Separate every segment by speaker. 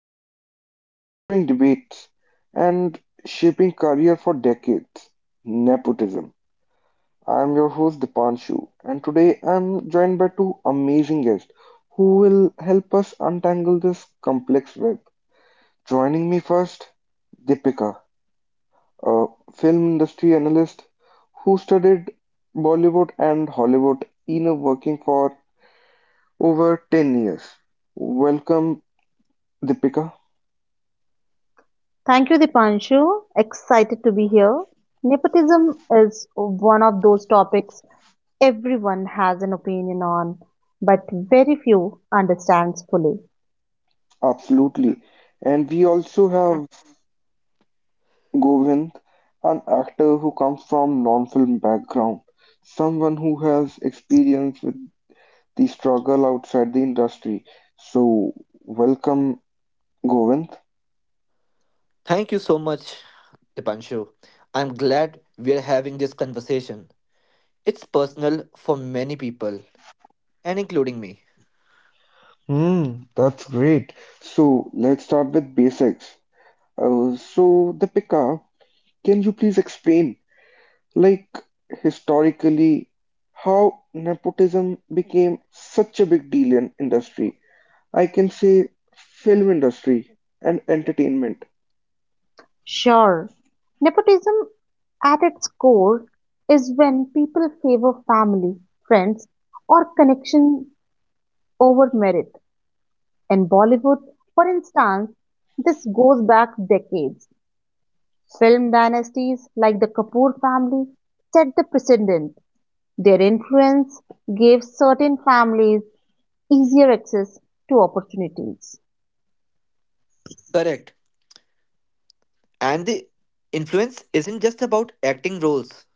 Speaker 1: it's been in string debates and shaping career for decades nepotism. I am your host, Dipanshu, and today I'm joined by two amazing guests who will help us untangle this complex web. Joining me first, Deepika, a film industry analyst who studied Bollywood and Hollywood inner working for over 10 years. Welcome, Deepika.
Speaker 2: Thank you, Dipanshu. Excited to be here. Nepotism is one of those topics everyone has an opinion on, but very few understands fully.
Speaker 1: Absolutely. And we also have Govind, an actor who comes from non-film background, someone who has experience with the struggle outside the industry. So, welcome, Govind.
Speaker 3: Thank you so much, Dipanshu. I'm glad we're having this conversation. It's personal for many people, and including me.
Speaker 1: That's great. So let's start with basics. So, Deepika, can you please explain, like, historically, how nepotism became such a big deal in industry? I can say film industry and entertainment.
Speaker 2: Sure, nepotism at its core is when people favor family, friends, or connection over merit. In Bollywood, for instance, this goes back decades. Film dynasties like the Kapoor family set the precedent. Their influence gave certain families easier access to opportunities.
Speaker 3: Correct. And the influence isn't just about acting roles,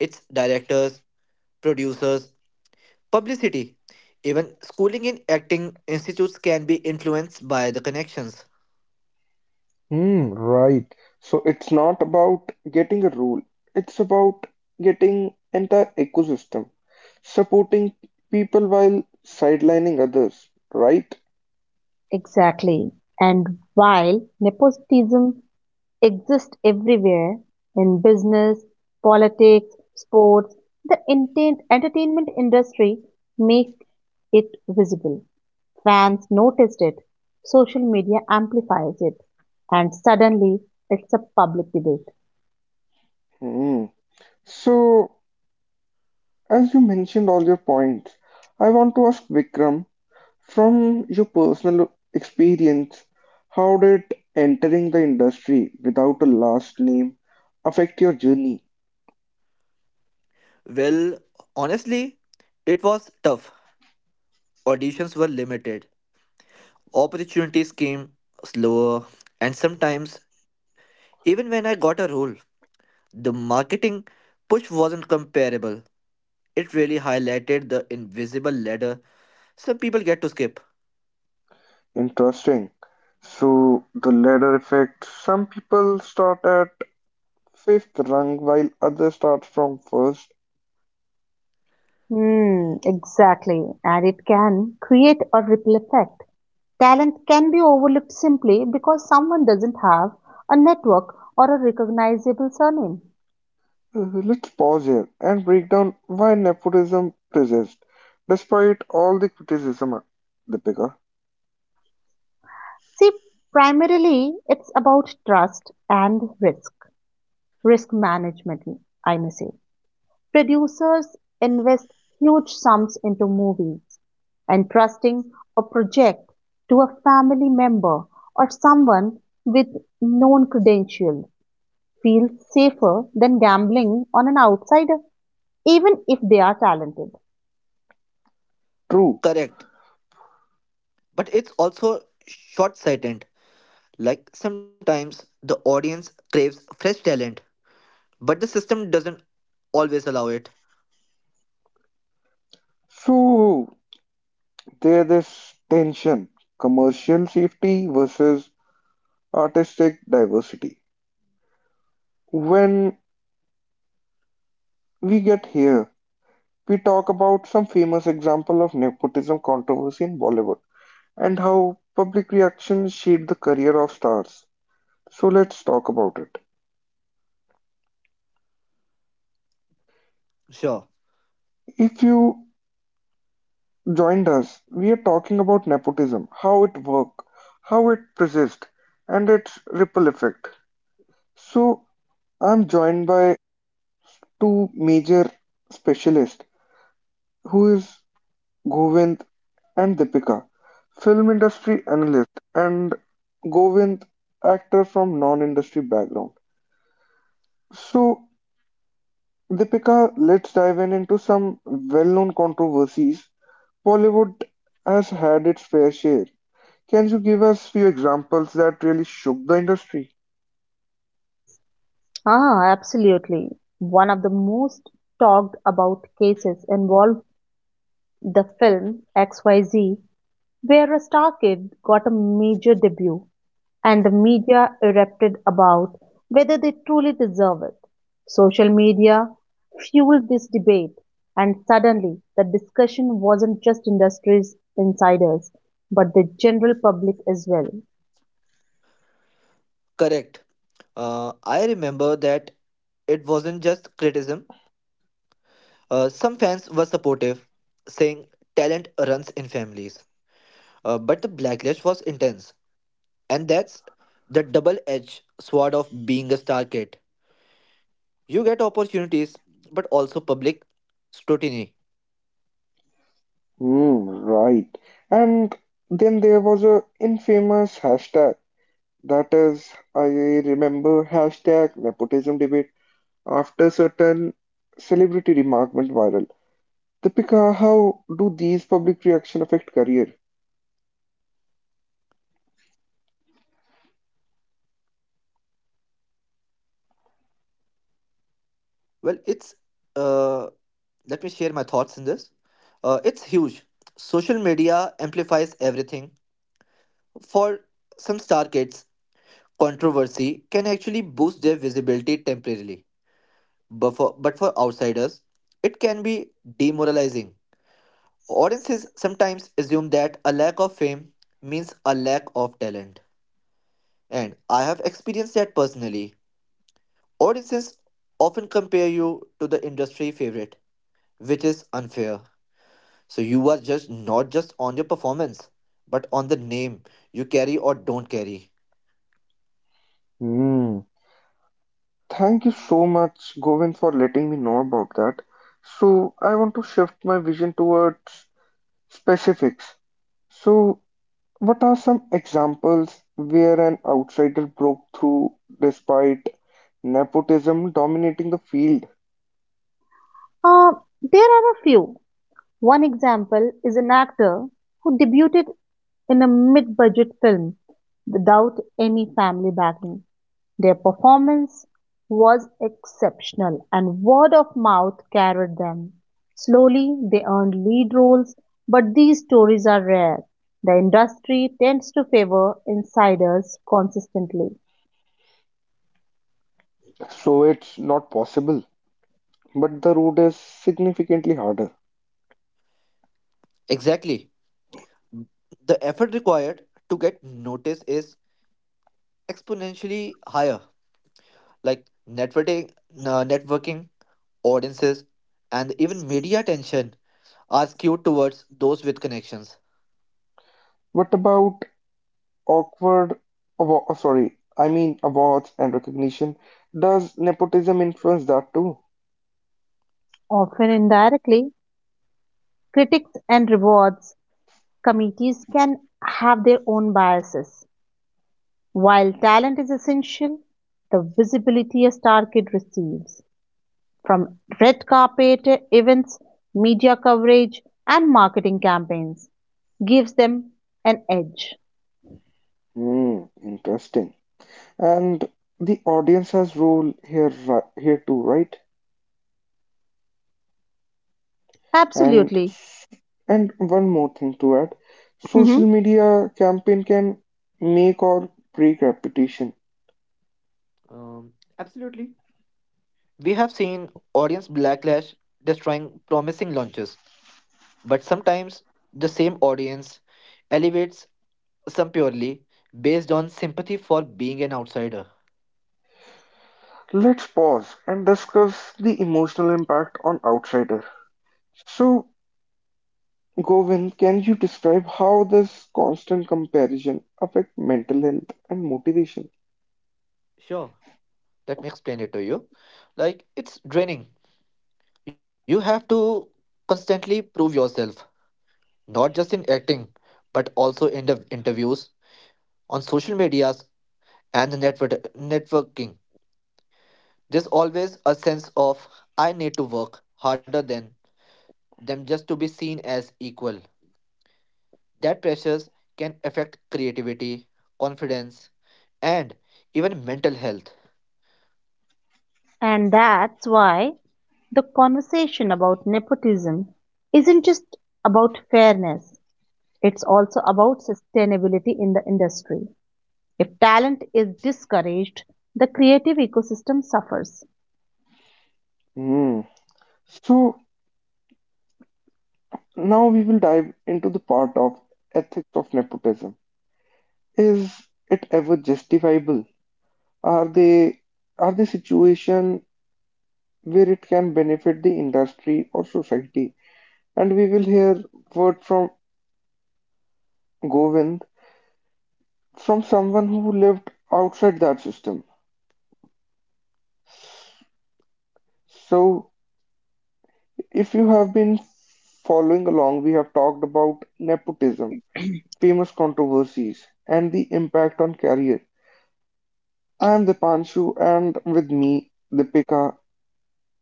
Speaker 3: it's directors, producers, publicity. Even schooling in acting institutes can be influenced by the connections.
Speaker 1: Right. So it's not about getting a role, it's about getting entire ecosystem, supporting people while sidelining others, right?
Speaker 2: Exactly. And while nepotism exists everywhere in business, politics, sports, the entertainment industry make it visible. Fans noticed it, social media amplifies it, and suddenly it's a public debate.
Speaker 1: Hmm. So as you mentioned all your points, I want to ask Vikram, from your personal experience, how did entering the industry without a last name affect your journey?
Speaker 3: Well, honestly, it was tough. Auditions were limited, opportunities came slower, and sometimes even when I got a role, the marketing push wasn't comparable. It really highlighted the invisible ladder some people get to skip.
Speaker 1: Interesting. So, the ladder effect, some people start at fifth rung while others start from first.
Speaker 2: Hmm, exactly. And it can create a ripple effect. Talent can be overlooked simply because someone doesn't have a network or a recognizable surname.
Speaker 1: Let's pause here and break down why nepotism persists despite all the criticism, Deepika.
Speaker 2: See, primarily it's about trust and risk, risk management, I may say. Producers invest huge sums into movies, and trusting a project to a family member or someone with known credentials feels safer than gambling on an outsider, even if they are talented.
Speaker 1: True.
Speaker 3: Correct. But it's also short sighted. Like sometimes the audience craves fresh talent, but the system doesn't always allow it.
Speaker 1: So, there this tension, commercial safety versus artistic diversity. When we get here, we talk about some famous example of nepotism controversy in Bollywood and how public reactions shape the career of stars. So let's talk about it.
Speaker 3: Sure.
Speaker 1: If you joined us, we are talking about nepotism, how it works, how it persists, and its ripple effect. So I'm joined by two major specialists who is Govind and Deepika, film industry analyst, and Govind, actor from non-industry background. So, Deepika, let's dive in into some well-known controversies. Bollywood has had its fair share. Can you give us few examples that really shook the industry?
Speaker 2: Absolutely. One of the most talked about cases involved the film XYZ, where a star kid got a major debut, and the media erupted about whether they truly deserve it. Social media fueled this debate, and suddenly the discussion wasn't just industry's insiders, but the general public as well.
Speaker 3: Correct. I remember that it wasn't just criticism. Some fans were supportive, saying talent runs in families. But the backlash was intense. And that's the double edged sword of being a star kid. You get opportunities, but also public scrutiny.
Speaker 1: Right. And then there was a infamous hashtag that is, I remember hashtag nepotism debate, after certain celebrity remark went viral. Deepika, how do these public reaction affect career?
Speaker 3: Well, it's, uh, let me share my thoughts in this. It's huge. Social media amplifies everything. For some star kids, controversy can actually boost their visibility temporarily. But for outsiders, it can be demoralizing. Audiences sometimes assume that a lack of fame means a lack of talent. And I have experienced that personally. Audiences often compare you to the industry favorite, which is unfair. So you are just not just on your performance, but on the name you carry or don't carry.
Speaker 1: Hmm. Thank you so much, Govind, for letting me know about that. So, I want to shift my vision towards specifics. So, what are some examples where an outsider broke through despite nepotism dominating the field?
Speaker 2: Uh, there are a few. One example is an actor who debuted in a mid budget film without any family backing. Their performance was exceptional and word of mouth carried them. Slowly, they earned lead roles, but these stories are rare. The industry tends to favor insiders consistently,
Speaker 1: So, it's not possible, but the road is significantly harder.
Speaker 3: Exactly. The effort required to get noticed is exponentially higher. Like networking, networking audiences, and even media attention are skewed towards those with connections.
Speaker 1: What about Awkward, oh, sorry, I mean awards and recognition. Does nepotism influence that too?
Speaker 2: often indirectly. Critics and rewards committees can have their own biases. While talent is essential, the visibility a star kid receives from red carpet events, media coverage, and marketing campaigns gives them an edge.
Speaker 1: Hmm, interesting. And the audience has role here, here too, right? And
Speaker 2: Absolutely.
Speaker 1: s- and one more thing to add, social
Speaker 2: Mhm.
Speaker 1: media campaign can make or break reputation.
Speaker 3: Um, Absolutely. We have seen audience backlash destroying promising launches, but sometimes the same audience elevates some purely based on sympathy for being an outsider.
Speaker 1: Let's pause and discuss the emotional impact on outsider. So Govind, can you describe how this constant comparison affect mental health and motivation?
Speaker 3: Sure, let me explain it to you. Like, it's draining. You have to constantly prove yourself, not just in acting, but also in the interviews, on social medias, and the networking. There's always a sense of, I need to work harder than them just to be seen as equal. That pressures can affect creativity, confidence, and even mental health.
Speaker 2: And that's why the conversation about nepotism isn't just about fairness, it's also about sustainability in the industry. If talent is discouraged, the creative ecosystem suffers.
Speaker 1: Hmm. So now we will dive into the part of ethics of nepotism. Is it ever justifiable? Are they are the situation where it can benefit the industry or society? And we will hear word from Govind, from someone who lived outside that system. So if you have been following along, we have talked about nepotism, famous controversies, and the impact on career. I am Dipanshu, and with me, Deepika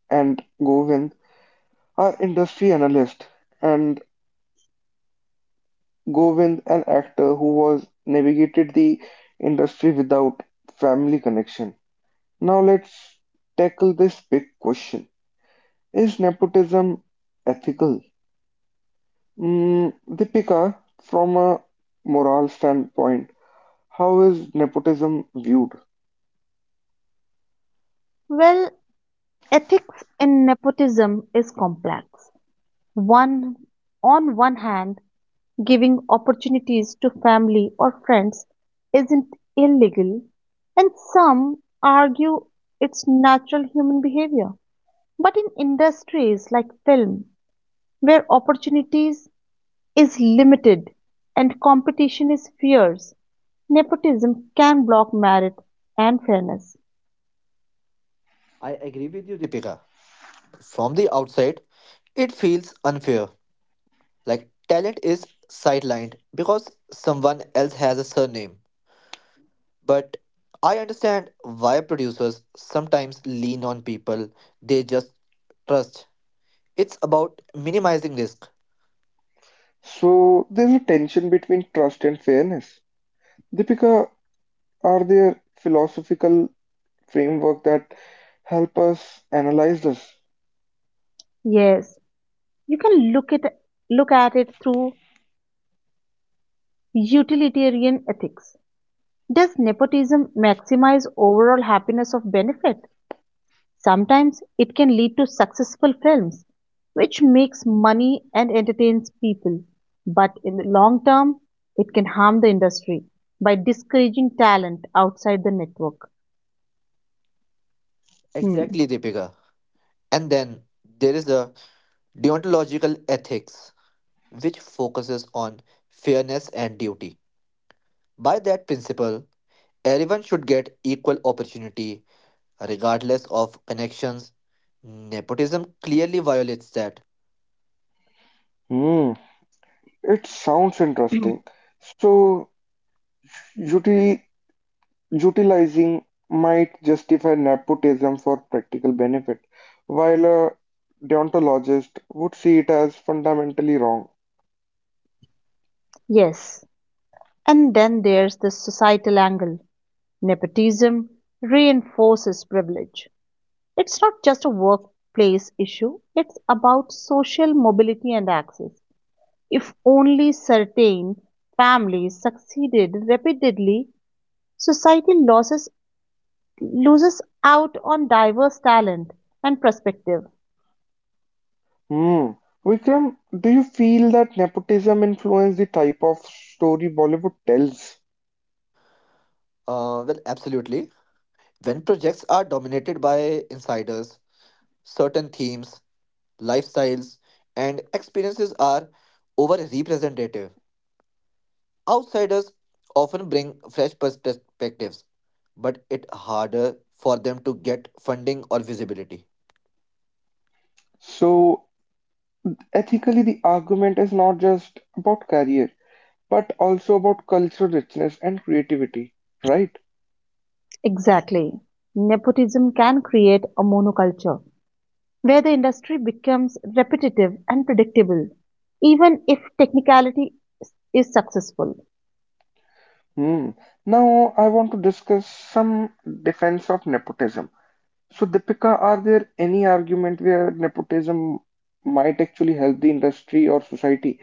Speaker 1: and Govind, are industry analyst, and Govind, an actor who was navigated the industry without family connection. Now let's tackle this big question: is nepotism ethical? Deepika, from a moral standpoint, how is nepotism viewed?
Speaker 2: Well, ethics in nepotism is complex. One, on one hand, giving opportunities to family or friends isn't illegal, and some argue it's natural human behavior. But in industries like film, where opportunities is limited and competition is fierce, nepotism can block merit and fairness.
Speaker 3: I agree with you, Deepika. From the outside, it feels unfair, like talent is sidelined because someone else has a surname. But I understand why producers sometimes lean on people they just trust. It's about minimizing risk.
Speaker 1: So there's a tension between trust and fairness. Deepika, are there philosophical framework that help us analyze this?
Speaker 2: Yes, you can look at it through utilitarian ethics. Does nepotism maximize overall happiness of benefit? Sometimes it can lead to successful films, which makes money and entertains people. But in the long term, it can harm the industry by discouraging talent outside the network. Hmm.
Speaker 3: Exactly, Deepika. And then there is the deontological ethics, which focuses on fairness and duty. By that principle, everyone should get equal opportunity regardless of connections. Nepotism clearly violates that.
Speaker 1: Hmm, it sounds interesting. So uti- utilizing might justify nepotism for practical benefit, while a deontologist would see it as fundamentally wrong.
Speaker 2: Yes. And then there's the societal angle. Nepotism reinforces privilege. It's not just a workplace issue, it's about social mobility and access. If only certain families succeeded repeatedly, society loses, loses out on diverse talent and perspective.
Speaker 1: Hmm. Vikram, do you feel that nepotism influenced the type of story Bollywood tells?
Speaker 3: Absolutely. When projects are dominated by insiders, certain themes, lifestyles, and experiences are over representative. Outsiders often bring fresh perspectives, but it's harder for them to get funding or visibility.
Speaker 1: So, ethically, the argument is not just about career, but also about cultural richness and creativity, right?
Speaker 2: Exactly. Nepotism can create a monoculture where the industry becomes repetitive and predictable, even if technicality is successful.
Speaker 1: Hmm. Now, I want to discuss some defense of nepotism. So, Deepika, are there any argument where nepotism might actually help the industry or society?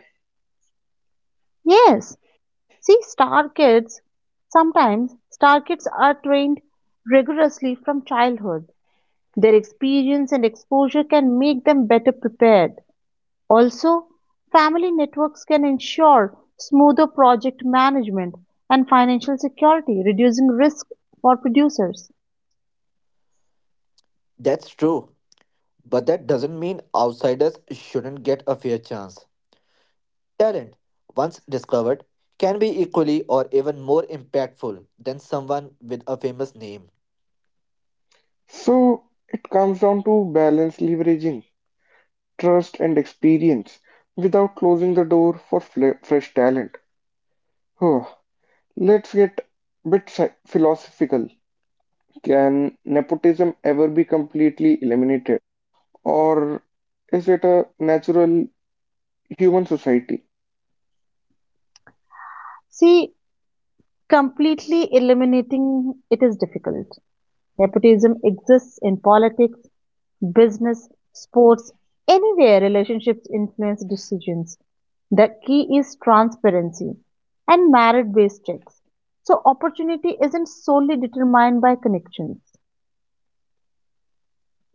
Speaker 2: Yes. See, sometimes star kids are trained rigorously from childhood. Their experience and exposure can make them better prepared. Also, family networks can ensure smoother project management and financial security, reducing risk for producers.
Speaker 3: That's true, but that doesn't mean outsiders shouldn't get a fair chance. Talent, once discovered, can be equally or even more impactful than someone with a famous name.
Speaker 1: So, it comes down to balance leveraging trust and experience without closing the door for fresh talent. Oh, let's get a bit philosophical. Can nepotism ever be completely eliminated? Or is it a natural human society?
Speaker 2: See, completely eliminating it is difficult. Nepotism exists in politics, business, sports, anywhere relationships influence decisions. The key is transparency and merit based checks. So, opportunity isn't solely determined by connections.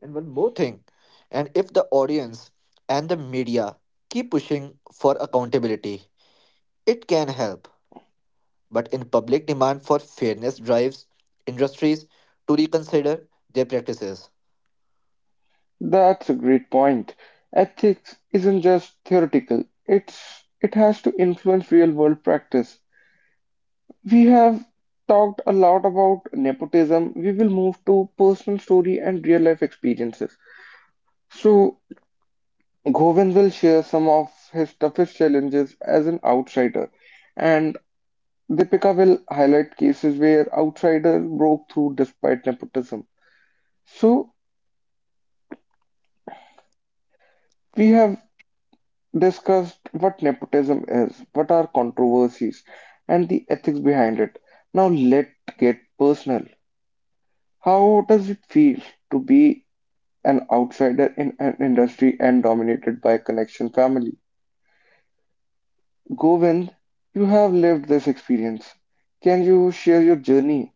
Speaker 3: And one more thing, and if the audience and the media keep pushing for accountability, it can help. But in public demand for fairness drives industries to reconsider their practices.
Speaker 1: That's a great point. Ethics isn't just theoretical, it has to influence real world practice. We have talked a lot about nepotism. We will move to personal story and real life experiences. So Govind will share some of his toughest challenges as an outsider, and Deepika will highlight cases where outsiders broke through despite nepotism. So, we have discussed what nepotism is, what are controversies, and the ethics behind it. Now, let's get personal. How does it feel to be an outsider in an industry and dominated by connection family? Govind, you have lived this experience. Can you share your journey?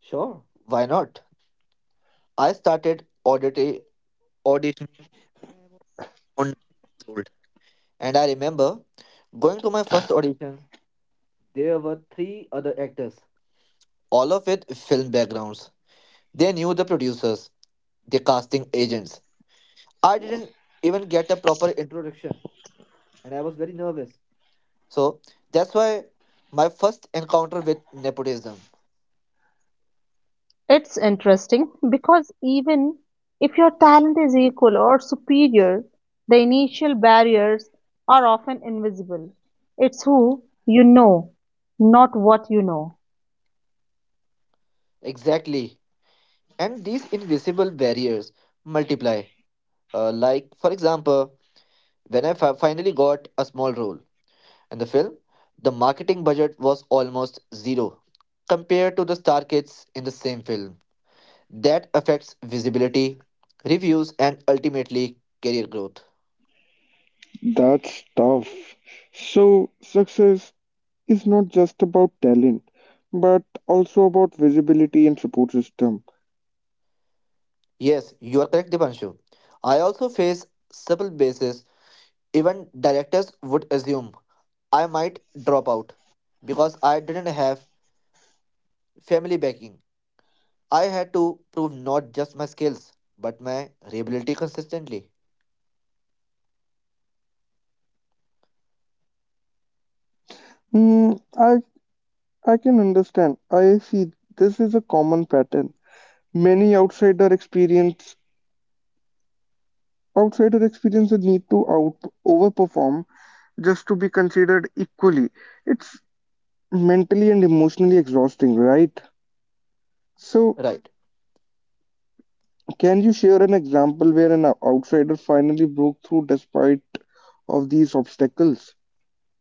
Speaker 3: Sure, why not? I started auditioning or nights old. And I remember going to my first audition, there were three other actors, all of with film backgrounds. They knew the producers, the casting agents. I didn't even get a proper introduction, and I was very nervous. So that's why my first encounter with nepotism.
Speaker 2: It's interesting because even if your talent is equal or superior, the initial barriers are often invisible. It's who you know, not what you know.
Speaker 3: Exactly. And these invisible barriers multiply. Like, for example, when I finally got a small role, in the film, the marketing budget was almost zero compared to the star kids in the same film. That affects visibility, reviews, and ultimately career growth.
Speaker 1: That's tough. So, success is not just about talent, but also about visibility and support system.
Speaker 3: Yes, you are correct, Dipanshu. I also face several bases. Even directors would assume I might drop out because I didn't have family backing. I had to prove not just my skills but my reliability consistently.
Speaker 1: Hmm, I can understand. I see this is a common pattern. Many outsider experience the need to out overperform just to be considered equally. It's mentally and emotionally exhausting, right? So,
Speaker 3: Right.
Speaker 1: can you share an example where an outsider finally broke through despite of these obstacles?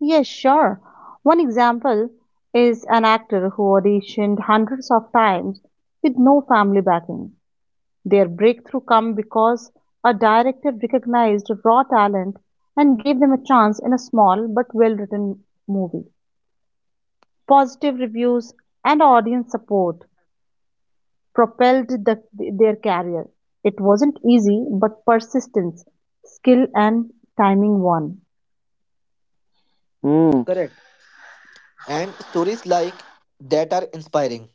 Speaker 2: Yes, sure. One example is an actor who auditioned hundreds of times with no family backing. Their breakthrough came because a director recognized raw talent and gave them a chance in a small but well written movie. Positive reviews and audience support propelled their career. It wasn't easy, but persistence, skill, and timing won.
Speaker 1: Hmm.
Speaker 3: Correct. And stories like that are inspiring.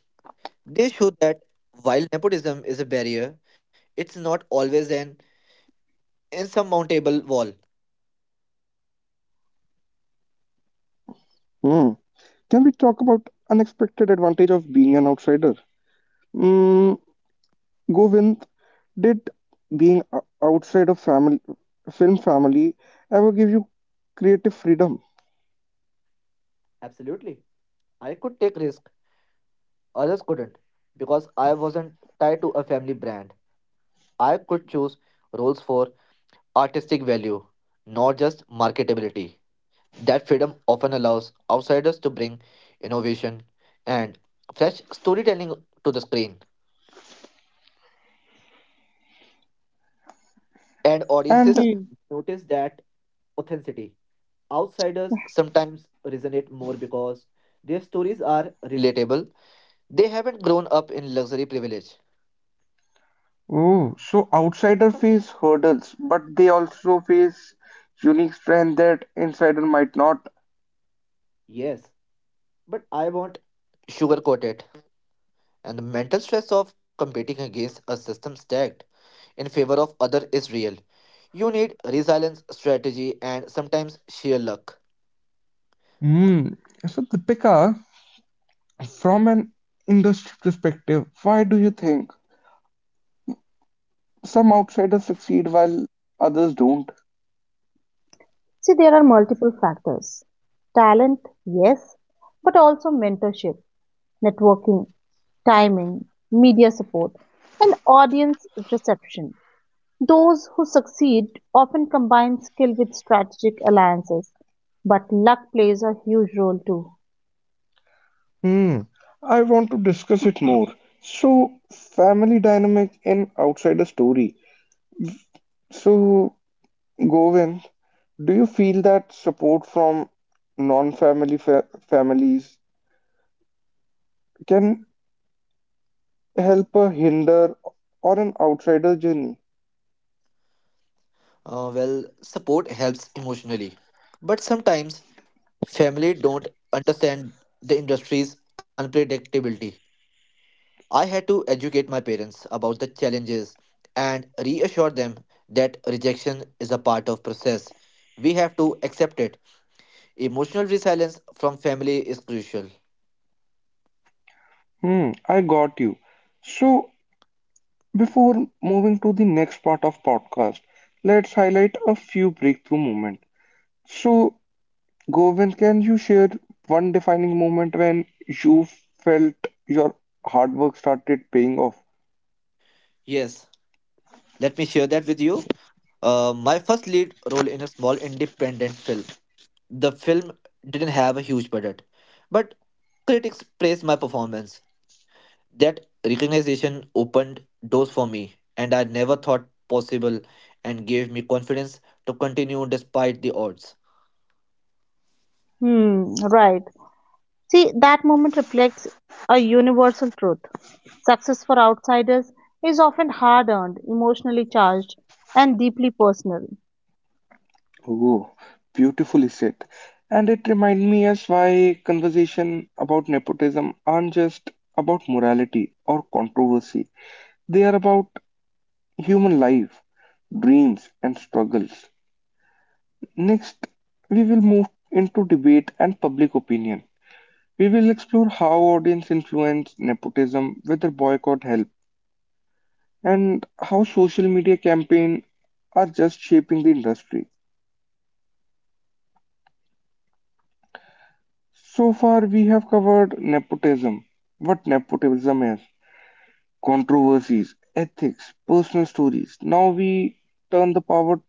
Speaker 3: They show that while nepotism is a barrier, it's not always an insurmountable wall.
Speaker 1: Hmm. Can we talk about unexpected advantage of being an outsider? Hmm. Govind, did being outside of family, film family ever give you creative freedom?
Speaker 3: Absolutely. I could take risk, others couldn't, because I wasn't tied to a family brand. I could choose roles for artistic value, not just marketability. That freedom often allows outsiders to bring innovation and fresh storytelling to the screen, and audiences
Speaker 1: And
Speaker 3: notice that authenticity. Outsiders sometimes resonate more because their stories are relatable. They haven't grown up in luxury privilege.
Speaker 1: oh, so outsider face hurdles, but they also face unique strength that insider might not.
Speaker 3: Yes, but I won't sugarcoat it. And the mental stress of competing against a system stacked in favor of other is real. You need resilience, strategy, and sometimes sheer luck.
Speaker 1: Hmm. So, Deepika, from an industry perspective, why do you think some outsiders succeed while others don't?
Speaker 2: See, there are multiple factors: talent, yes, but also mentorship, networking, timing, media support, and audience reception. Those who succeed often combine skill with strategic alliances, but luck plays a huge role too.
Speaker 1: Hmm, I want to discuss it more. So, family dynamic in outsider story. So, Govind, do you feel that support from non-family fa families can help a hinder or an outsider journey?
Speaker 3: Support helps emotionally, but sometimes family don't understand the industry's unpredictability. I had to educate my parents about the challenges and reassure them that rejection is a part of process. We have to accept it. Emotional resilience from family is crucial.
Speaker 1: Hmm, I got you. So, before moving to the next part of podcast, let's highlight a few breakthrough moments. So, Govind, can you share one defining moment when you felt your hard work started paying off?
Speaker 3: Yes, let me share that with you. My first lead role in a small independent film. The film didn't have a huge budget, but critics praised my performance. That recognition opened doors for me and I never thought possible and gave me confidence to continue despite the odds.
Speaker 2: Hmm, right. See, that moment reflects a universal truth. Success for outsiders is often hard earned, emotionally charged, and deeply personal.
Speaker 1: Oh, beautifully said. And it reminds me as why conversation about nepotism aren't just about morality or controversy. They are about human life, dreams, and struggles. Next, we will move into debate and public opinion. We will explore how audience influence, nepotism, whether boycott help, and how social media campaigns are just shaping the industry. So far, we have covered nepotism, what nepotism is, controversies, ethics, personal stories. Now we turn the power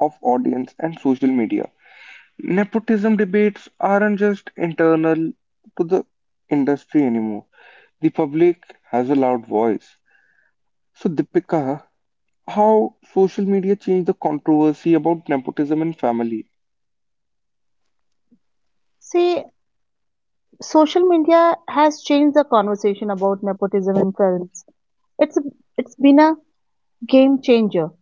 Speaker 1: of audience and social media. Nepotism debates aren't just internal to the industry anymore. The public has a loud voice. So, Deepika, how social media changed the controversy about nepotism and family.
Speaker 2: See, social media has changed the conversation about nepotism in films. It's it's been a game changer.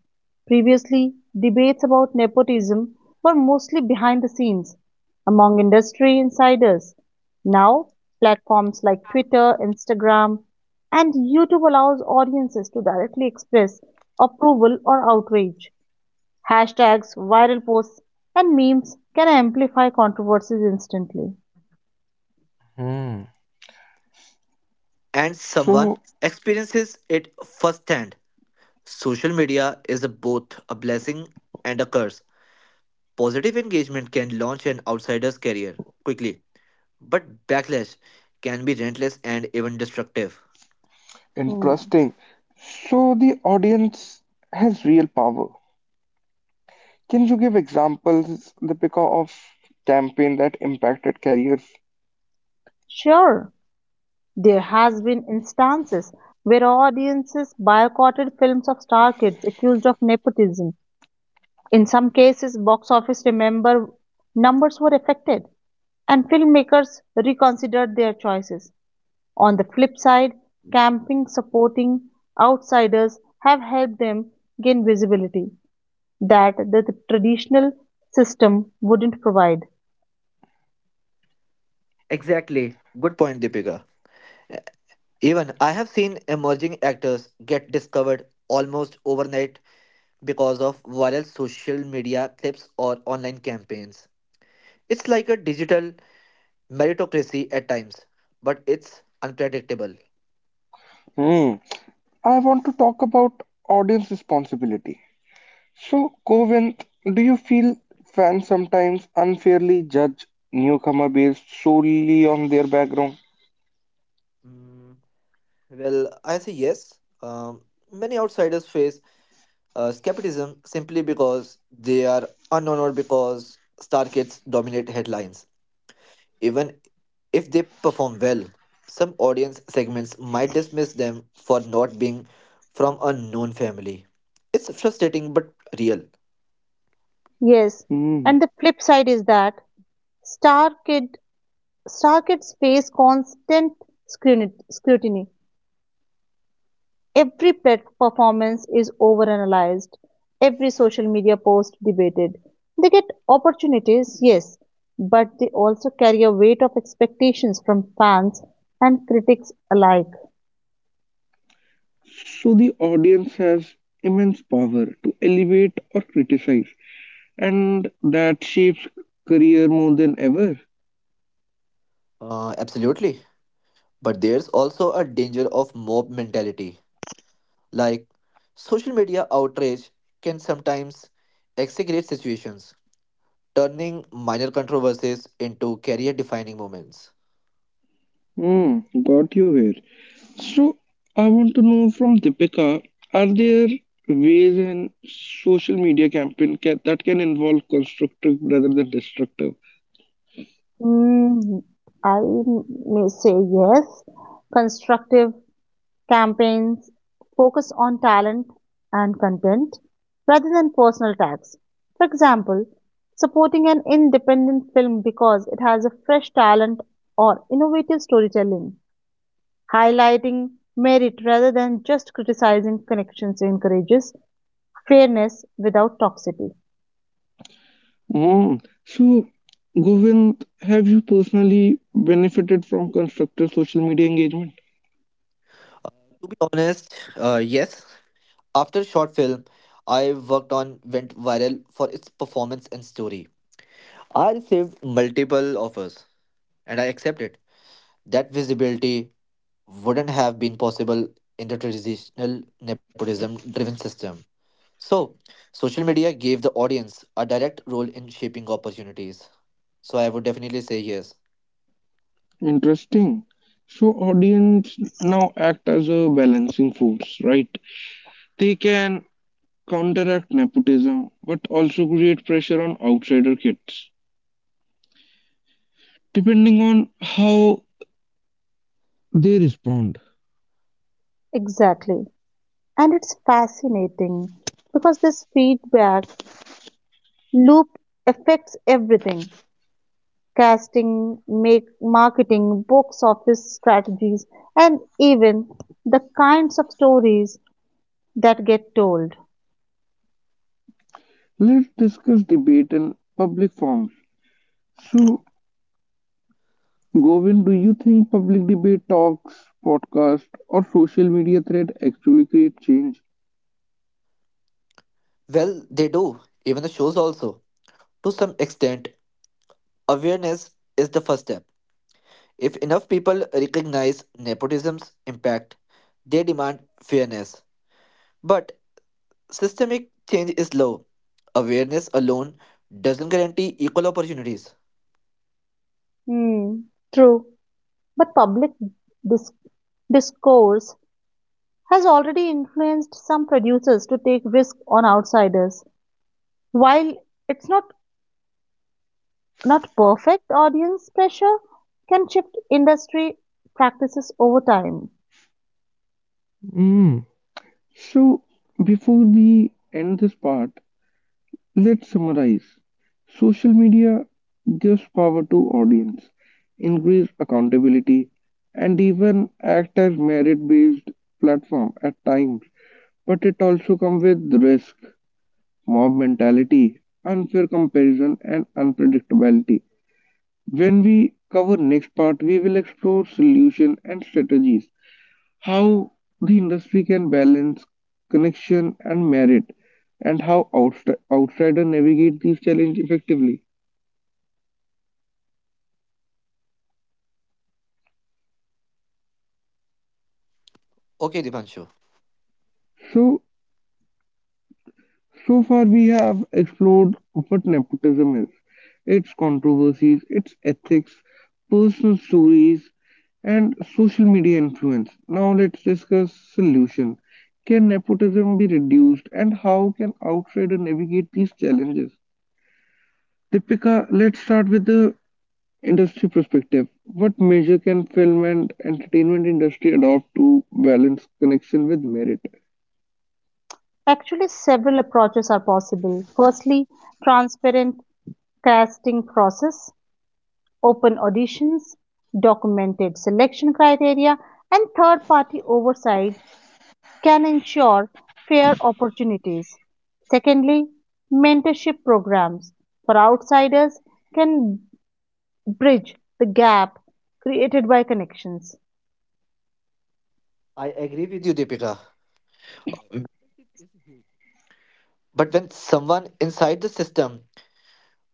Speaker 2: Previously, debates about nepotism were mostly behind the scenes among industry insiders. Now, platforms like Twitter, Instagram, and YouTube allows audiences to directly express approval or outrage. Hashtags, viral posts, and memes can amplify controversies instantly.
Speaker 3: And someone
Speaker 1: So
Speaker 3: experiences it firsthand. Social media is a both a blessing and a curse. Positive engagement can launch an outsider's career quickly, but backlash can be relentless and even destructive.
Speaker 2: Hmm.
Speaker 1: interesting. So the audience has real power. Can you give examples, Deepika, of campaign that impacted careers?
Speaker 2: Sure. There has been instances where audiences boycotted films of star kids accused of nepotism. In some cases, box office remember numbers were affected, and filmmakers reconsidered their choices. On the flip side, camping supporting outsiders have helped them gain visibility that the traditional system wouldn't provide.
Speaker 3: Exactly. Good point, Deepika. Even I have seen emerging actors get discovered almost overnight because of viral social media clips or online campaigns. It's like a digital meritocracy at times, but it's unpredictable.
Speaker 1: Hmm. I want to talk about audience responsibility. So, Govind, do you feel fans sometimes unfairly judge newcomer based solely on their background?
Speaker 3: Mm, I say yes. Um, Many outsiders face skepticism simply because they are unknown or because star kids dominate headlines. Even if they perform well, some audience segments might dismiss them for not being from a known family. It's frustrating but real.
Speaker 2: Yes,
Speaker 1: Mm.
Speaker 2: and the flip side is that Star Kid Starkets face constant scrutiny. Every performance is overanalyzed, every social media post debated. They get opportunities, yes, but they also carry a weight of expectations from fans and critics alike.
Speaker 1: So the audience has immense power to elevate or criticize, and that shapes career more than ever.
Speaker 3: Absolutely. But there's also a danger of mob mentality. Like, social media outrage can sometimes exaggerate situations, turning minor controversies into career defining moments.
Speaker 1: Mm. Got you here. So I want to know from Deepika, are there ways in social media campaign that can involve constructive rather than destructive?
Speaker 2: Mm, I may say yes. Constructive campaigns focus on talent and content rather than personal tags. For example, supporting an independent film because it has a fresh talent or innovative storytelling, highlighting merit rather than just criticizing connections encourages fairness without toxicity.
Speaker 1: Mm. So Govind, have you personally benefited from constructive social media engagement?
Speaker 3: To be honest, yes. After short film I worked on went viral for its performance and story. I received multiple offers and I accepted. That visibility wouldn't have been possible in the traditional nepotism driven system. So, social media gave the audience a direct role in shaping opportunities. So, I would definitely say yes.
Speaker 1: Interesting. So audience now act as a balancing force, right? They can counteract nepotism, but also create pressure on outsider kids, depending on how they respond.
Speaker 2: Exactly. And it's fascinating because this feedback loop affects everything: casting, make, marketing, box office strategies, and even the kinds of stories that get told.
Speaker 1: Let's discuss debate in public forms. So, Govind, do you think public debate talks, podcast, or social media thread actually create change?
Speaker 3: Well, they do, even the shows also. To some extent, awareness is the first step. If enough people recognize nepotism's impact, they demand fairness. But systemic change is low. Awareness alone doesn't guarantee equal opportunities.
Speaker 2: Hmm, true, but public dis- discourse has already influenced some producers to take risk on outsiders. While it's not perfect, audience pressure can shift industry practices over time.
Speaker 1: Mm. So, before we end this part, let's summarize. Social media gives power to audience, increase accountability, and even act as merit-based platform at times. But it also comes with risk, mob mentality, unfair comparison, and unpredictability. When we cover next part, we will explore solution and strategies how the industry can balance connection and merit, and how outsiders navigate these challenges effectively.
Speaker 3: Okay, Dipanshu.
Speaker 1: So, so far we have explored what nepotism is, its controversies, its ethics, personal stories, and social media influence. Now let's discuss solution. Can nepotism be reduced and how can outsiders navigate these challenges? Deepika, let's start with the industry perspective. What measure can film and entertainment industry adopt to balance connection with merit?
Speaker 2: Actually, several approaches are possible. Firstly, transparent casting process, open auditions, documented selection criteria, and third party oversight can ensure fair opportunities. Secondly, mentorship programs for outsiders can bridge the gap created by connections.
Speaker 3: I agree with you, Deepika. But when someone inside the system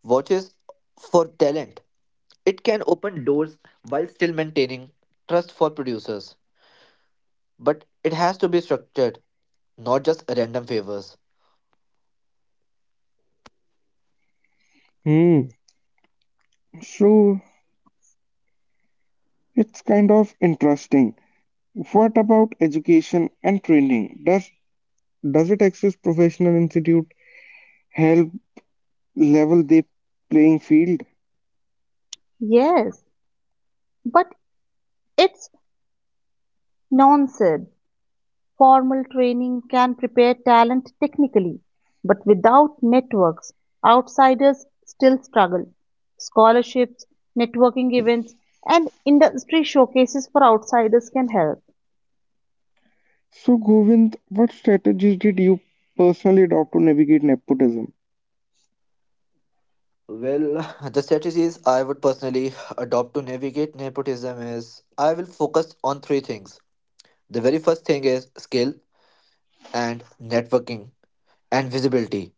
Speaker 3: watches for talent, it can open doors while still maintaining trust for producers, but it has to be structured, not just random favors.
Speaker 1: Hmm. So it's kind of interesting. What about education and training? Does it access professional institute help level the playing field?
Speaker 2: Yes, but it's nonsense. Formal training can prepare talent technically, but without networks, outsiders still struggle. Scholarships, networking events, and industry showcases for outsiders can help.
Speaker 1: So Govind, what strategies did you personally adopt to navigate nepotism?
Speaker 3: Well, the strategies I would personally adopt to navigate nepotism is I will focus on three things. The very first thing is skill and networking and visibility.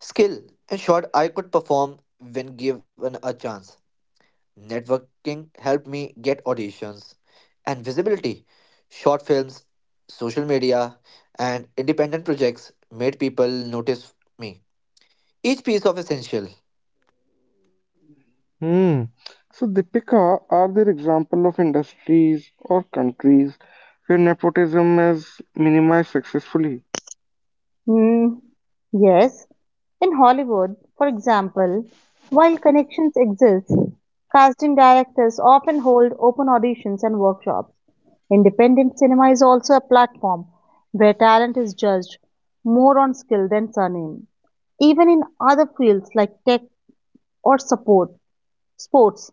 Speaker 3: Skill, in short, I could perform when given a chance. Networking helped me get auditions and visibility. Short films, social media, and independent projects made people notice me. Each piece of essential.
Speaker 1: Hmm. So Deepika, are there example of industries or countries where nepotism is minimized successfully?
Speaker 2: Hmm, yes. In Hollywood, for example, while connections exist, casting directors often hold open auditions and workshops. Independent cinema is also a platform where talent is judged more on skill than surname. Even in other fields like tech or sports,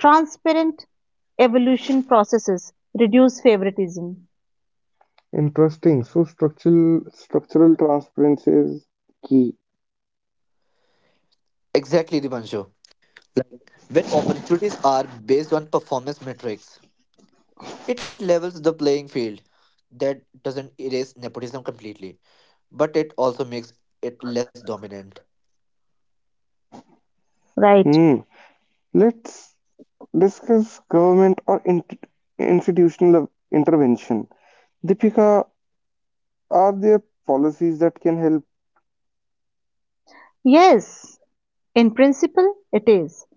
Speaker 2: transparent evolution processes reduce favoritism.
Speaker 1: Interesting. So structural transparency is key.
Speaker 3: Exactly, Dipanshu. Like when opportunities are based on performance metrics, it levels the playing field. That doesn't erase nepotism completely, but it also makes it less dominant.
Speaker 2: Right?
Speaker 1: Hmm. Let's discuss government or institutional intervention. Deepika, are there policies that can help?
Speaker 2: Yes, in principle, it is.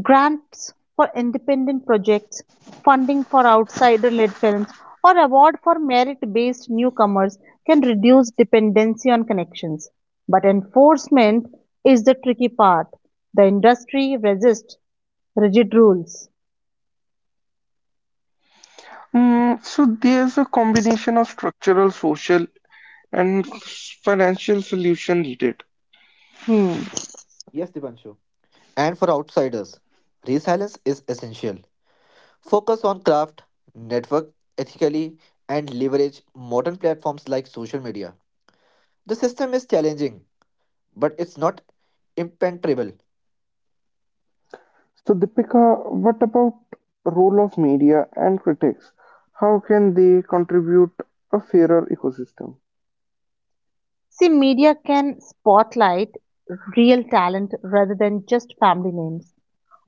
Speaker 2: Grants for independent projects, funding for outsider-led films, or award for merit-based newcomers can reduce dependency on connections. But enforcement is the tricky part. The industry resists rigid rules.
Speaker 1: Hmm, so there's a combination of structural, social, and financial solution needed.
Speaker 2: Hmm.
Speaker 3: Yes, Dipanshu. And for outsiders, resilience is essential. Focus on craft, network ethically, and leverage modern platforms like social media. The system is challenging, but it's not impenetrable.
Speaker 1: So Deepika, what about role of media and critics? How can they contribute a fairer ecosystem?
Speaker 2: See, media can spotlight real talent rather than just family names.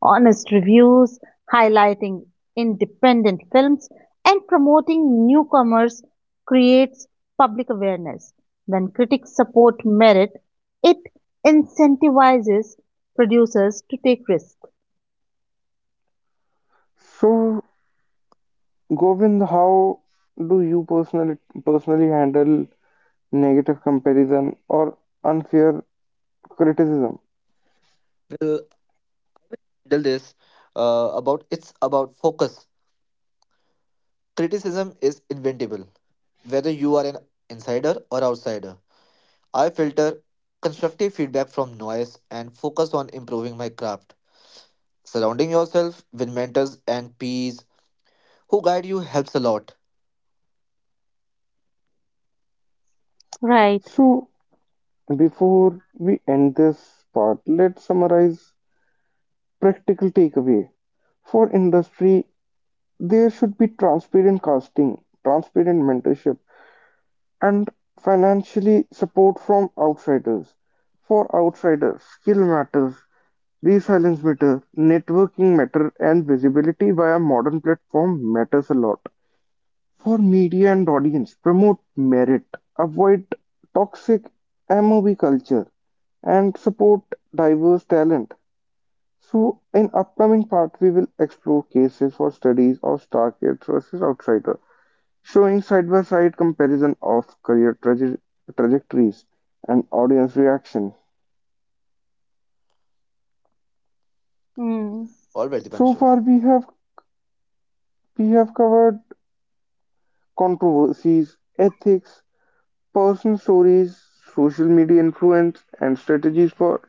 Speaker 2: Honest reviews, highlighting independent films, and promoting newcomers creates public awareness. When critics support merit, it incentivizes producers to take risks.
Speaker 1: So Govind, how do you personally handle negative comparison or unfair criticism?
Speaker 3: We'll handle this about it's about focus. Criticism is inventable, whether you are an insider or outsider. I filter constructive feedback from noise and focus on improving my craft. Surrounding yourself with mentors and peers who guide you helps a lot.
Speaker 2: Right.
Speaker 1: So before we end this part, let's summarize practical takeaway. For industry, there should be transparent casting, transparent mentorship, and financially, support from outsiders. For outsiders, skill matters, resilience matters, networking matters, and visibility via modern platform matters a lot. For media and audience, promote merit, avoid toxic mob culture, and support diverse talent. So, in upcoming part, we will explore cases for studies of star kids versus outsiders showing side-by-side comparison of career trajectories and audience reaction.
Speaker 2: Mm.
Speaker 3: All right,
Speaker 1: So
Speaker 3: Dipanshu.
Speaker 1: far, we have covered controversies, ethics, personal stories, social media influence, and strategies for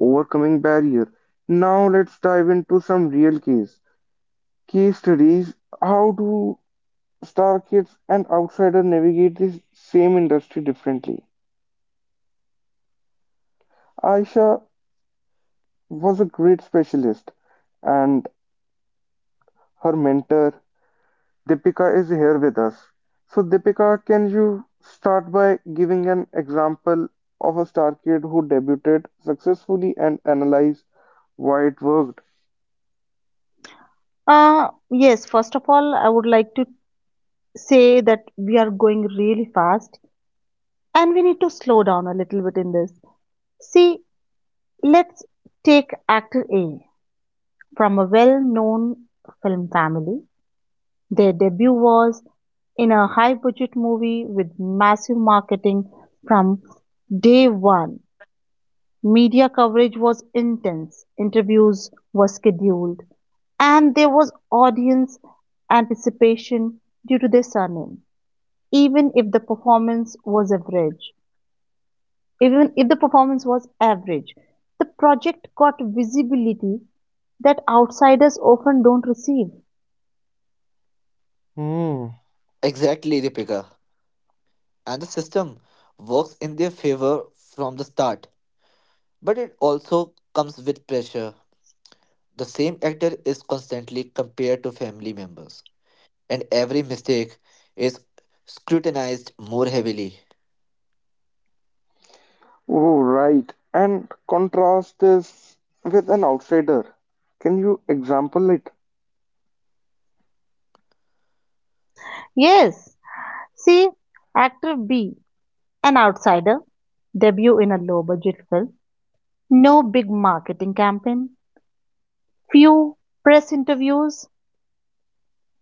Speaker 1: overcoming barrier. Now let's dive into some real case studies. How do star kids and outsiders navigate this same industry differently? Aisha was a great specialist and her mentor, Deepika is here with us. So Deepika, can you start by giving an example of a star kid who debuted successfully and analyze why it worked?
Speaker 2: Yes, first of all, I would like to say that we are going really fast and we need to slow down a little bit in this. See, let's take actor A. From a well-known film family, their debut was in a high-budget movie with massive marketing from day one. Media coverage was intense, interviews were scheduled, and there was audience anticipation due to their surname. Even if the performance was average, Even if the performance was average, the project got visibility that outsiders often don't receive.
Speaker 1: Hmm.
Speaker 3: Exactly, Deepika. And the system works in their favor from the start. But it also comes with pressure. The same actor is constantly compared to family members, and every mistake is scrutinized more heavily.
Speaker 1: Oh, right. And contrast this with an outsider. Can you example it?
Speaker 2: Yes, see, actor B, an outsider, debut in a low budget film, no big marketing campaign, few press interviews.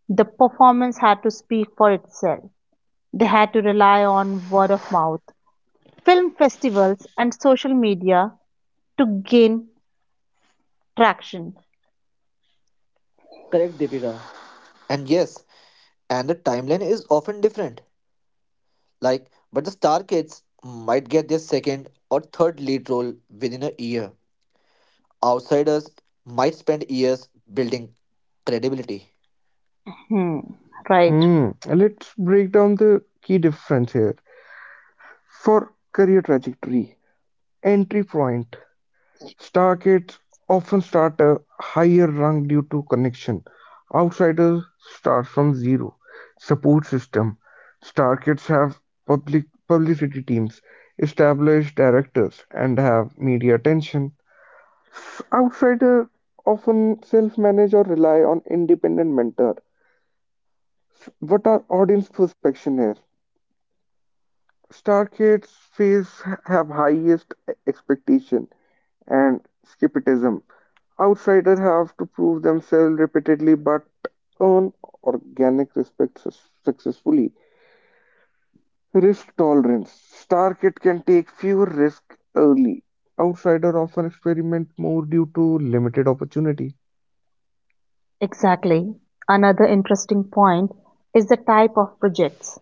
Speaker 2: The performance had to speak for itself. They had to rely on word of mouth, film festivals, and social media to gain traction.
Speaker 3: Correct, Deepika. And yes, and the timeline is often different. Like, but the star kids might get their second or third lead role within a year. Outsiders might spend years building credibility.
Speaker 2: Hmm, right,
Speaker 1: Hmm. Let's break down the key difference here. For career trajectory. Entry point. Stargates often start a higher rung due to connection; outsiders start from zero. Support system: Stargates have public publicity teams, established directors, and have media attention. Outsiders often self-manage or rely on independent mentor. What are audience perception here? Star kids face have highest expectation and skepticism. Outsiders have to prove themselves repeatedly but earn organic respect successfully. Risk tolerance. Star kid can take fewer risks early. Outsider often experiment more due to limited opportunity.
Speaker 2: exactly. Another interesting point is the type of projects.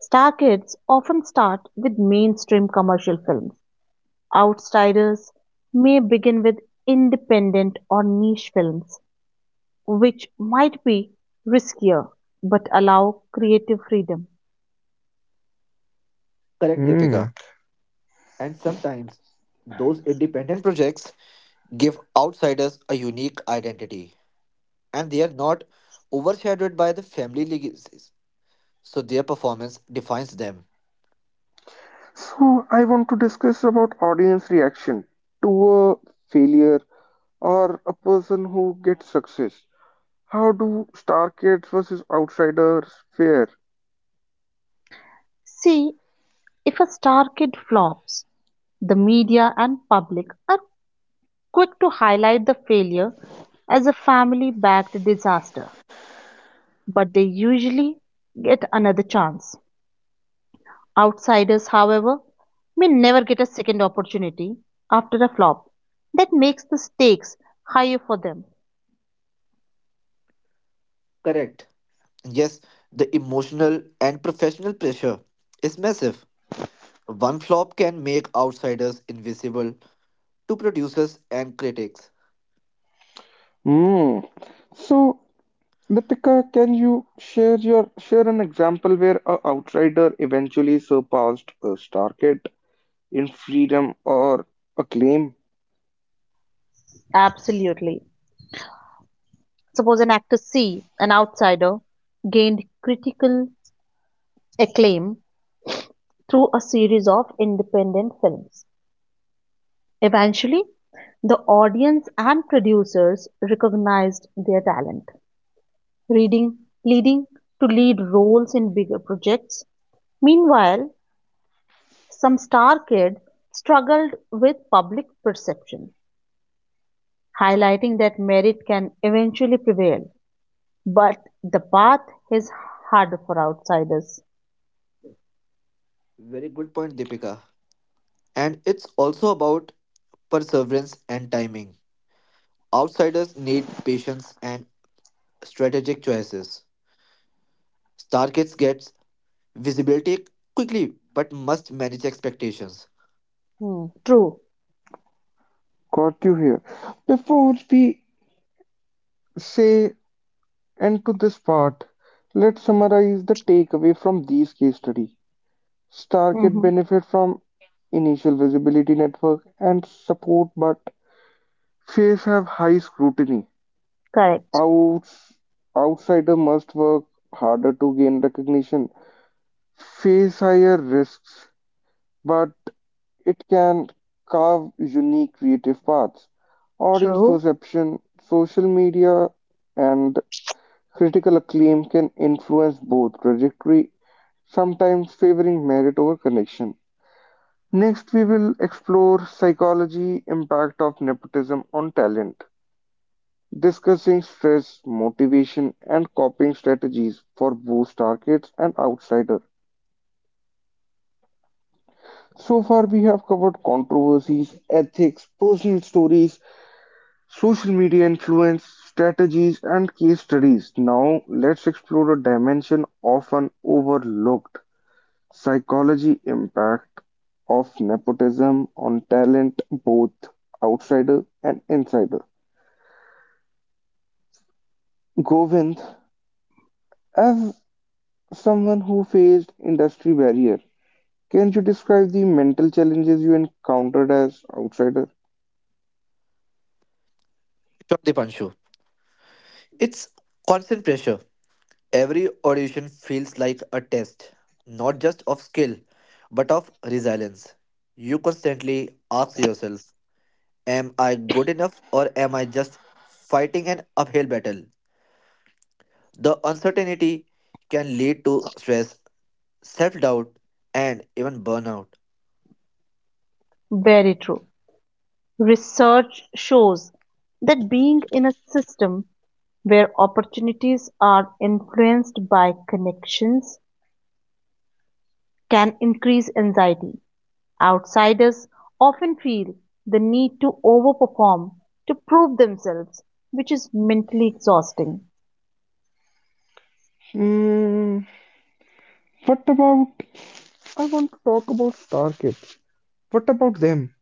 Speaker 2: Star kids often start with mainstream commercial films. Outsiders may begin with independent or niche films, which might be riskier but allow creative freedom.
Speaker 3: Correct,
Speaker 1: Hmm.
Speaker 3: Deepika. And sometimes those independent projects give outsiders a unique identity, and they are not overshadowed by the family legacies, so their performance defines them.
Speaker 1: So I want to discuss about audience reaction to a failure or a person who gets success. How do star kids versus Outsiders fare?
Speaker 2: See, if a star kid flops, the media and public are quick to highlight the failure as a family backed disaster, but they usually get another chance. Outsiders, however, may never get a second opportunity after a flop. That makes the stakes higher for them.
Speaker 3: Correct. Yes, the emotional and professional pressure is massive. One flop can make outsiders invisible to producers and critics.
Speaker 1: Hmm. So, Deepika, can you share an example where a outsider eventually surpassed a star kid in freedom or acclaim?
Speaker 2: Absolutely. Suppose an actor C, an outsider, gained critical acclaim through a series of independent films. Eventually, the audience and producers recognized their talent, reading, leading to lead roles in bigger projects. Meanwhile, some star kid struggled with public perception, highlighting that merit can eventually prevail, but the path is harder for outsiders.
Speaker 3: Very good point, Deepika. And it's also about perseverance and timing. Outsiders need patience and strategic choices. Starkids gets visibility quickly but must manage expectations.
Speaker 2: Hmm, true.
Speaker 1: Got you here. Before we say end to this part, let's summarize the takeaway from these case study. Star kid
Speaker 2: Hmm.
Speaker 1: benefit from initial visibility network and support, but fees have high scrutiny.
Speaker 2: Correct.
Speaker 1: Outs outsider must work harder to gain recognition, face higher risks, but it can carve unique creative paths. Audience
Speaker 2: True.
Speaker 1: perception, social media, and critical acclaim can influence both trajectory, sometimes favoring merit over connection. Next, we will explore psychology impact of nepotism on talent. Discussing stress, motivation, and coping strategies for both targets and outsiders. So far, we have covered controversies, ethics, personal stories, social media influence, strategies, and case studies. Now, let's explore a dimension often overlooked psychology impact of nepotism on talent, both outsider and insider. Govind, as someone who faced industry barrier, can you describe the mental challenges you encountered as outsider?
Speaker 3: Sure, Dipanshu. It's constant pressure. Every audition feels like a test, not just of skill, but of resilience. You constantly ask yourself, am I good enough or am I just fighting an uphill battle? The uncertainty can lead to stress, self doubt, and even burnout.
Speaker 2: Very true. Research shows that being in a system where opportunities are influenced by connections can increase anxiety. Outsiders often feel the need to overperform to prove themselves, which is mentally exhausting.
Speaker 1: Hmm. What about? I want to talk about star kids. What about them?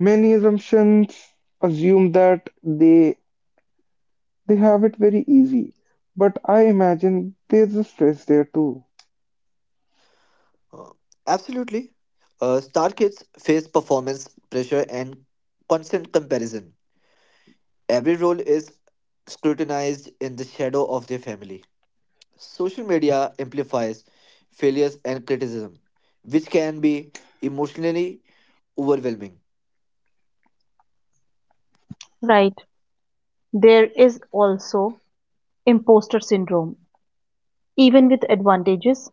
Speaker 1: Many assumptions assume that they have it very easy, but I imagine there's a stress there too.
Speaker 3: Uh, Absolutely. Star kids face performance pressure and constant comparison. Every role is scrutinized in the shadow of their family. Social media amplifies failures and criticism, which can be emotionally overwhelming.
Speaker 2: Right. There is also imposter syndrome. Even with advantages,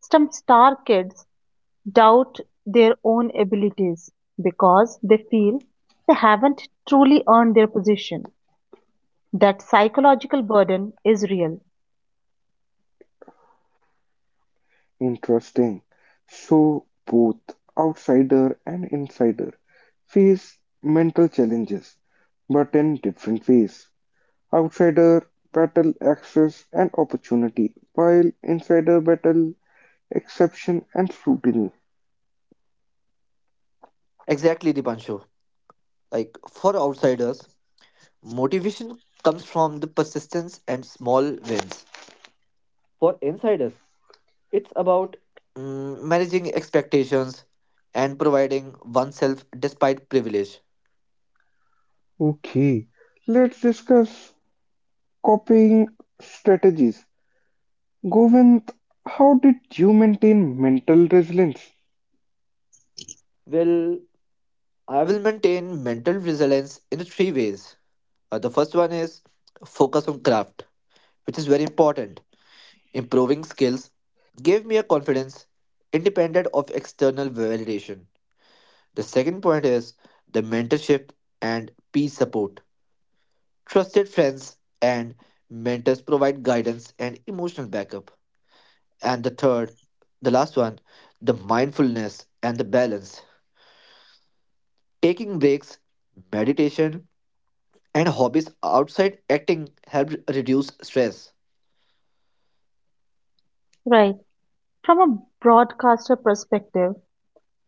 Speaker 2: some star kids doubt their own abilities because they feel they haven't truly earned their position. That psychological burden is real.
Speaker 1: Interesting. So both outsider and insider face mental challenges, but in different ways. Outsider battle access and opportunity, while insider battle exception and scrutiny.
Speaker 3: Exactly, Dipanshu. Like for outsiders, motivation comes from the persistence and small wins. For insiders, it's about managing expectations and providing oneself despite privilege.
Speaker 1: Okay, let's discuss copying strategies. Govind, how did you maintain mental resilience?
Speaker 3: Well, I will maintain mental resilience in three ways. The first one is focus on craft, which is very important. Improving skills gave me a confidence independent of external validation. The second point is the mentorship and peer support. Trusted friends and mentors provide guidance and emotional backup. And the third, the last one, the mindfulness and the balance. Taking breaks, meditation, and hobbies outside acting help reduce stress.
Speaker 2: Right. From a broadcaster perspective,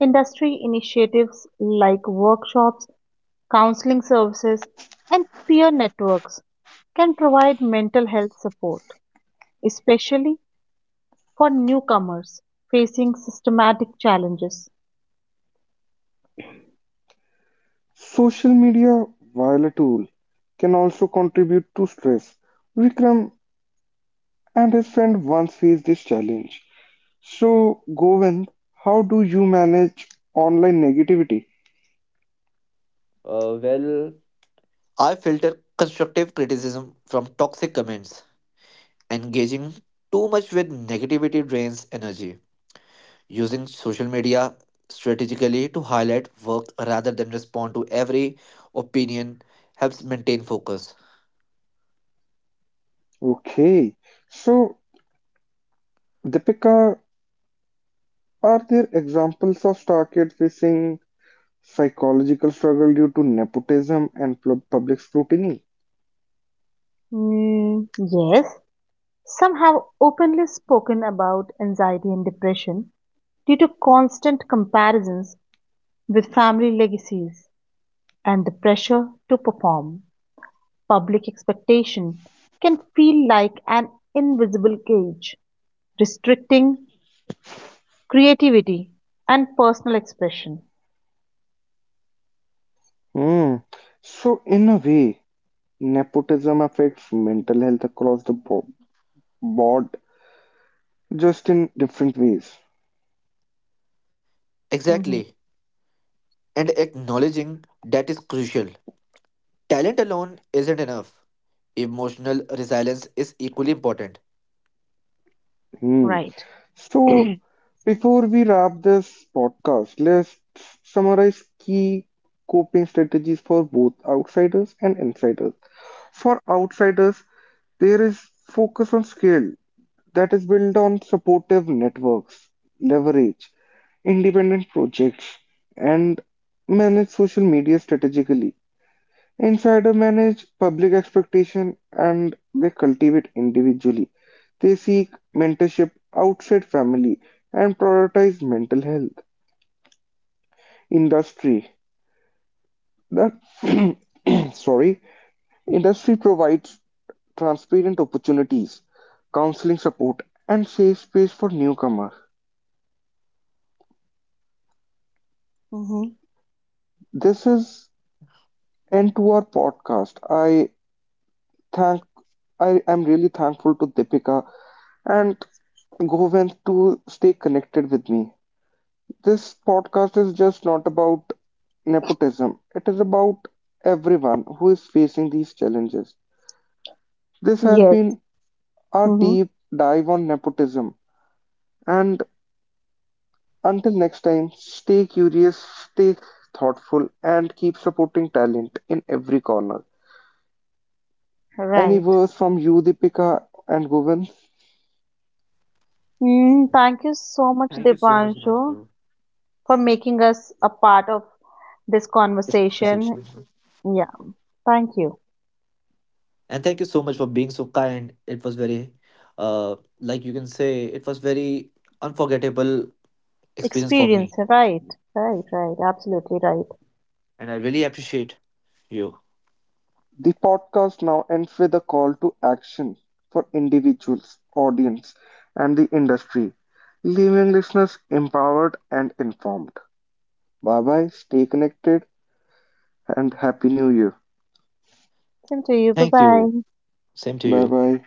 Speaker 2: industry initiatives like workshops, counseling services, and peer networks can provide mental health support, especially for newcomers facing systematic challenges.
Speaker 1: Social media, while a tool, can also contribute to stress. Vikram and his friend once faced this challenge. So, Govind, how do you manage online negativity?
Speaker 3: Uh, well, I filter constructive criticism from toxic comments. Engaging too much with negativity drains energy. Using social media strategically to highlight work rather than respond to every opinion helps maintain focus.
Speaker 1: Okay, so Deepika, are there examples of star kids facing psychological struggle due to nepotism and public scrutiny?
Speaker 2: Mm, yes. Some have openly spoken about anxiety and depression due to constant comparisons with family legacies and the pressure to perform. Public expectation can feel like an invisible cage, restricting creativity and personal expression.
Speaker 1: Hmm. So, in a way, nepotism affects mental health across the board, just in different ways.
Speaker 2: Mhm.
Speaker 3: Exactly. And acknowledging that is crucial. Talent alone isn't enough. Emotional resilience is equally important.
Speaker 1: Hmm.
Speaker 2: Right.
Speaker 1: So, before we wrap this podcast, let's summarize key coping strategies for both outsiders and insiders. For outsiders, there is focus on scale that is built on supportive networks, leverage, independent projects, and manage social media strategically. Insider manage public expectation and they cultivate individually. They seek mentorship outside family and prioritize mental health. Industry. The sorry, industry provides transparent opportunities, counseling support, and safe space for newcomers.
Speaker 2: Hmm.
Speaker 1: This is end to our podcast. Thank I am really thankful to Deepika and Govind to stay connected with me. This podcast is just not about nepotism. It is about everyone who is facing these challenges. This has
Speaker 2: Yes.
Speaker 1: been our
Speaker 2: Hmm.
Speaker 1: deep dive on nepotism and until next time, stay curious, stay thoughtful, and keep supporting talent in every corner. Any
Speaker 2: Right.
Speaker 1: words from you, Deepika and Govind?
Speaker 2: Mm, thank you so much,
Speaker 3: Thank you so much,
Speaker 2: Devanshu,
Speaker 3: Himanshu.
Speaker 2: for making us a part of this
Speaker 3: Appreciation.
Speaker 2: conversation. Yeah, thank you.
Speaker 3: And thank you so much for being so kind. It was very, like you can say, it was very unforgettable experience for
Speaker 2: Experience,
Speaker 3: me.
Speaker 2: right? Right, right, absolutely right.
Speaker 3: And I really appreciate you.
Speaker 1: The podcast now ends with a call to action for individuals, audience, and the industry, leaving listeners empowered and informed. Bye bye, stay connected, and Happy New Year.
Speaker 2: Same to you. Bye
Speaker 3: Thank
Speaker 2: bye.
Speaker 3: you. Same to
Speaker 1: Bye
Speaker 3: you.
Speaker 1: bye.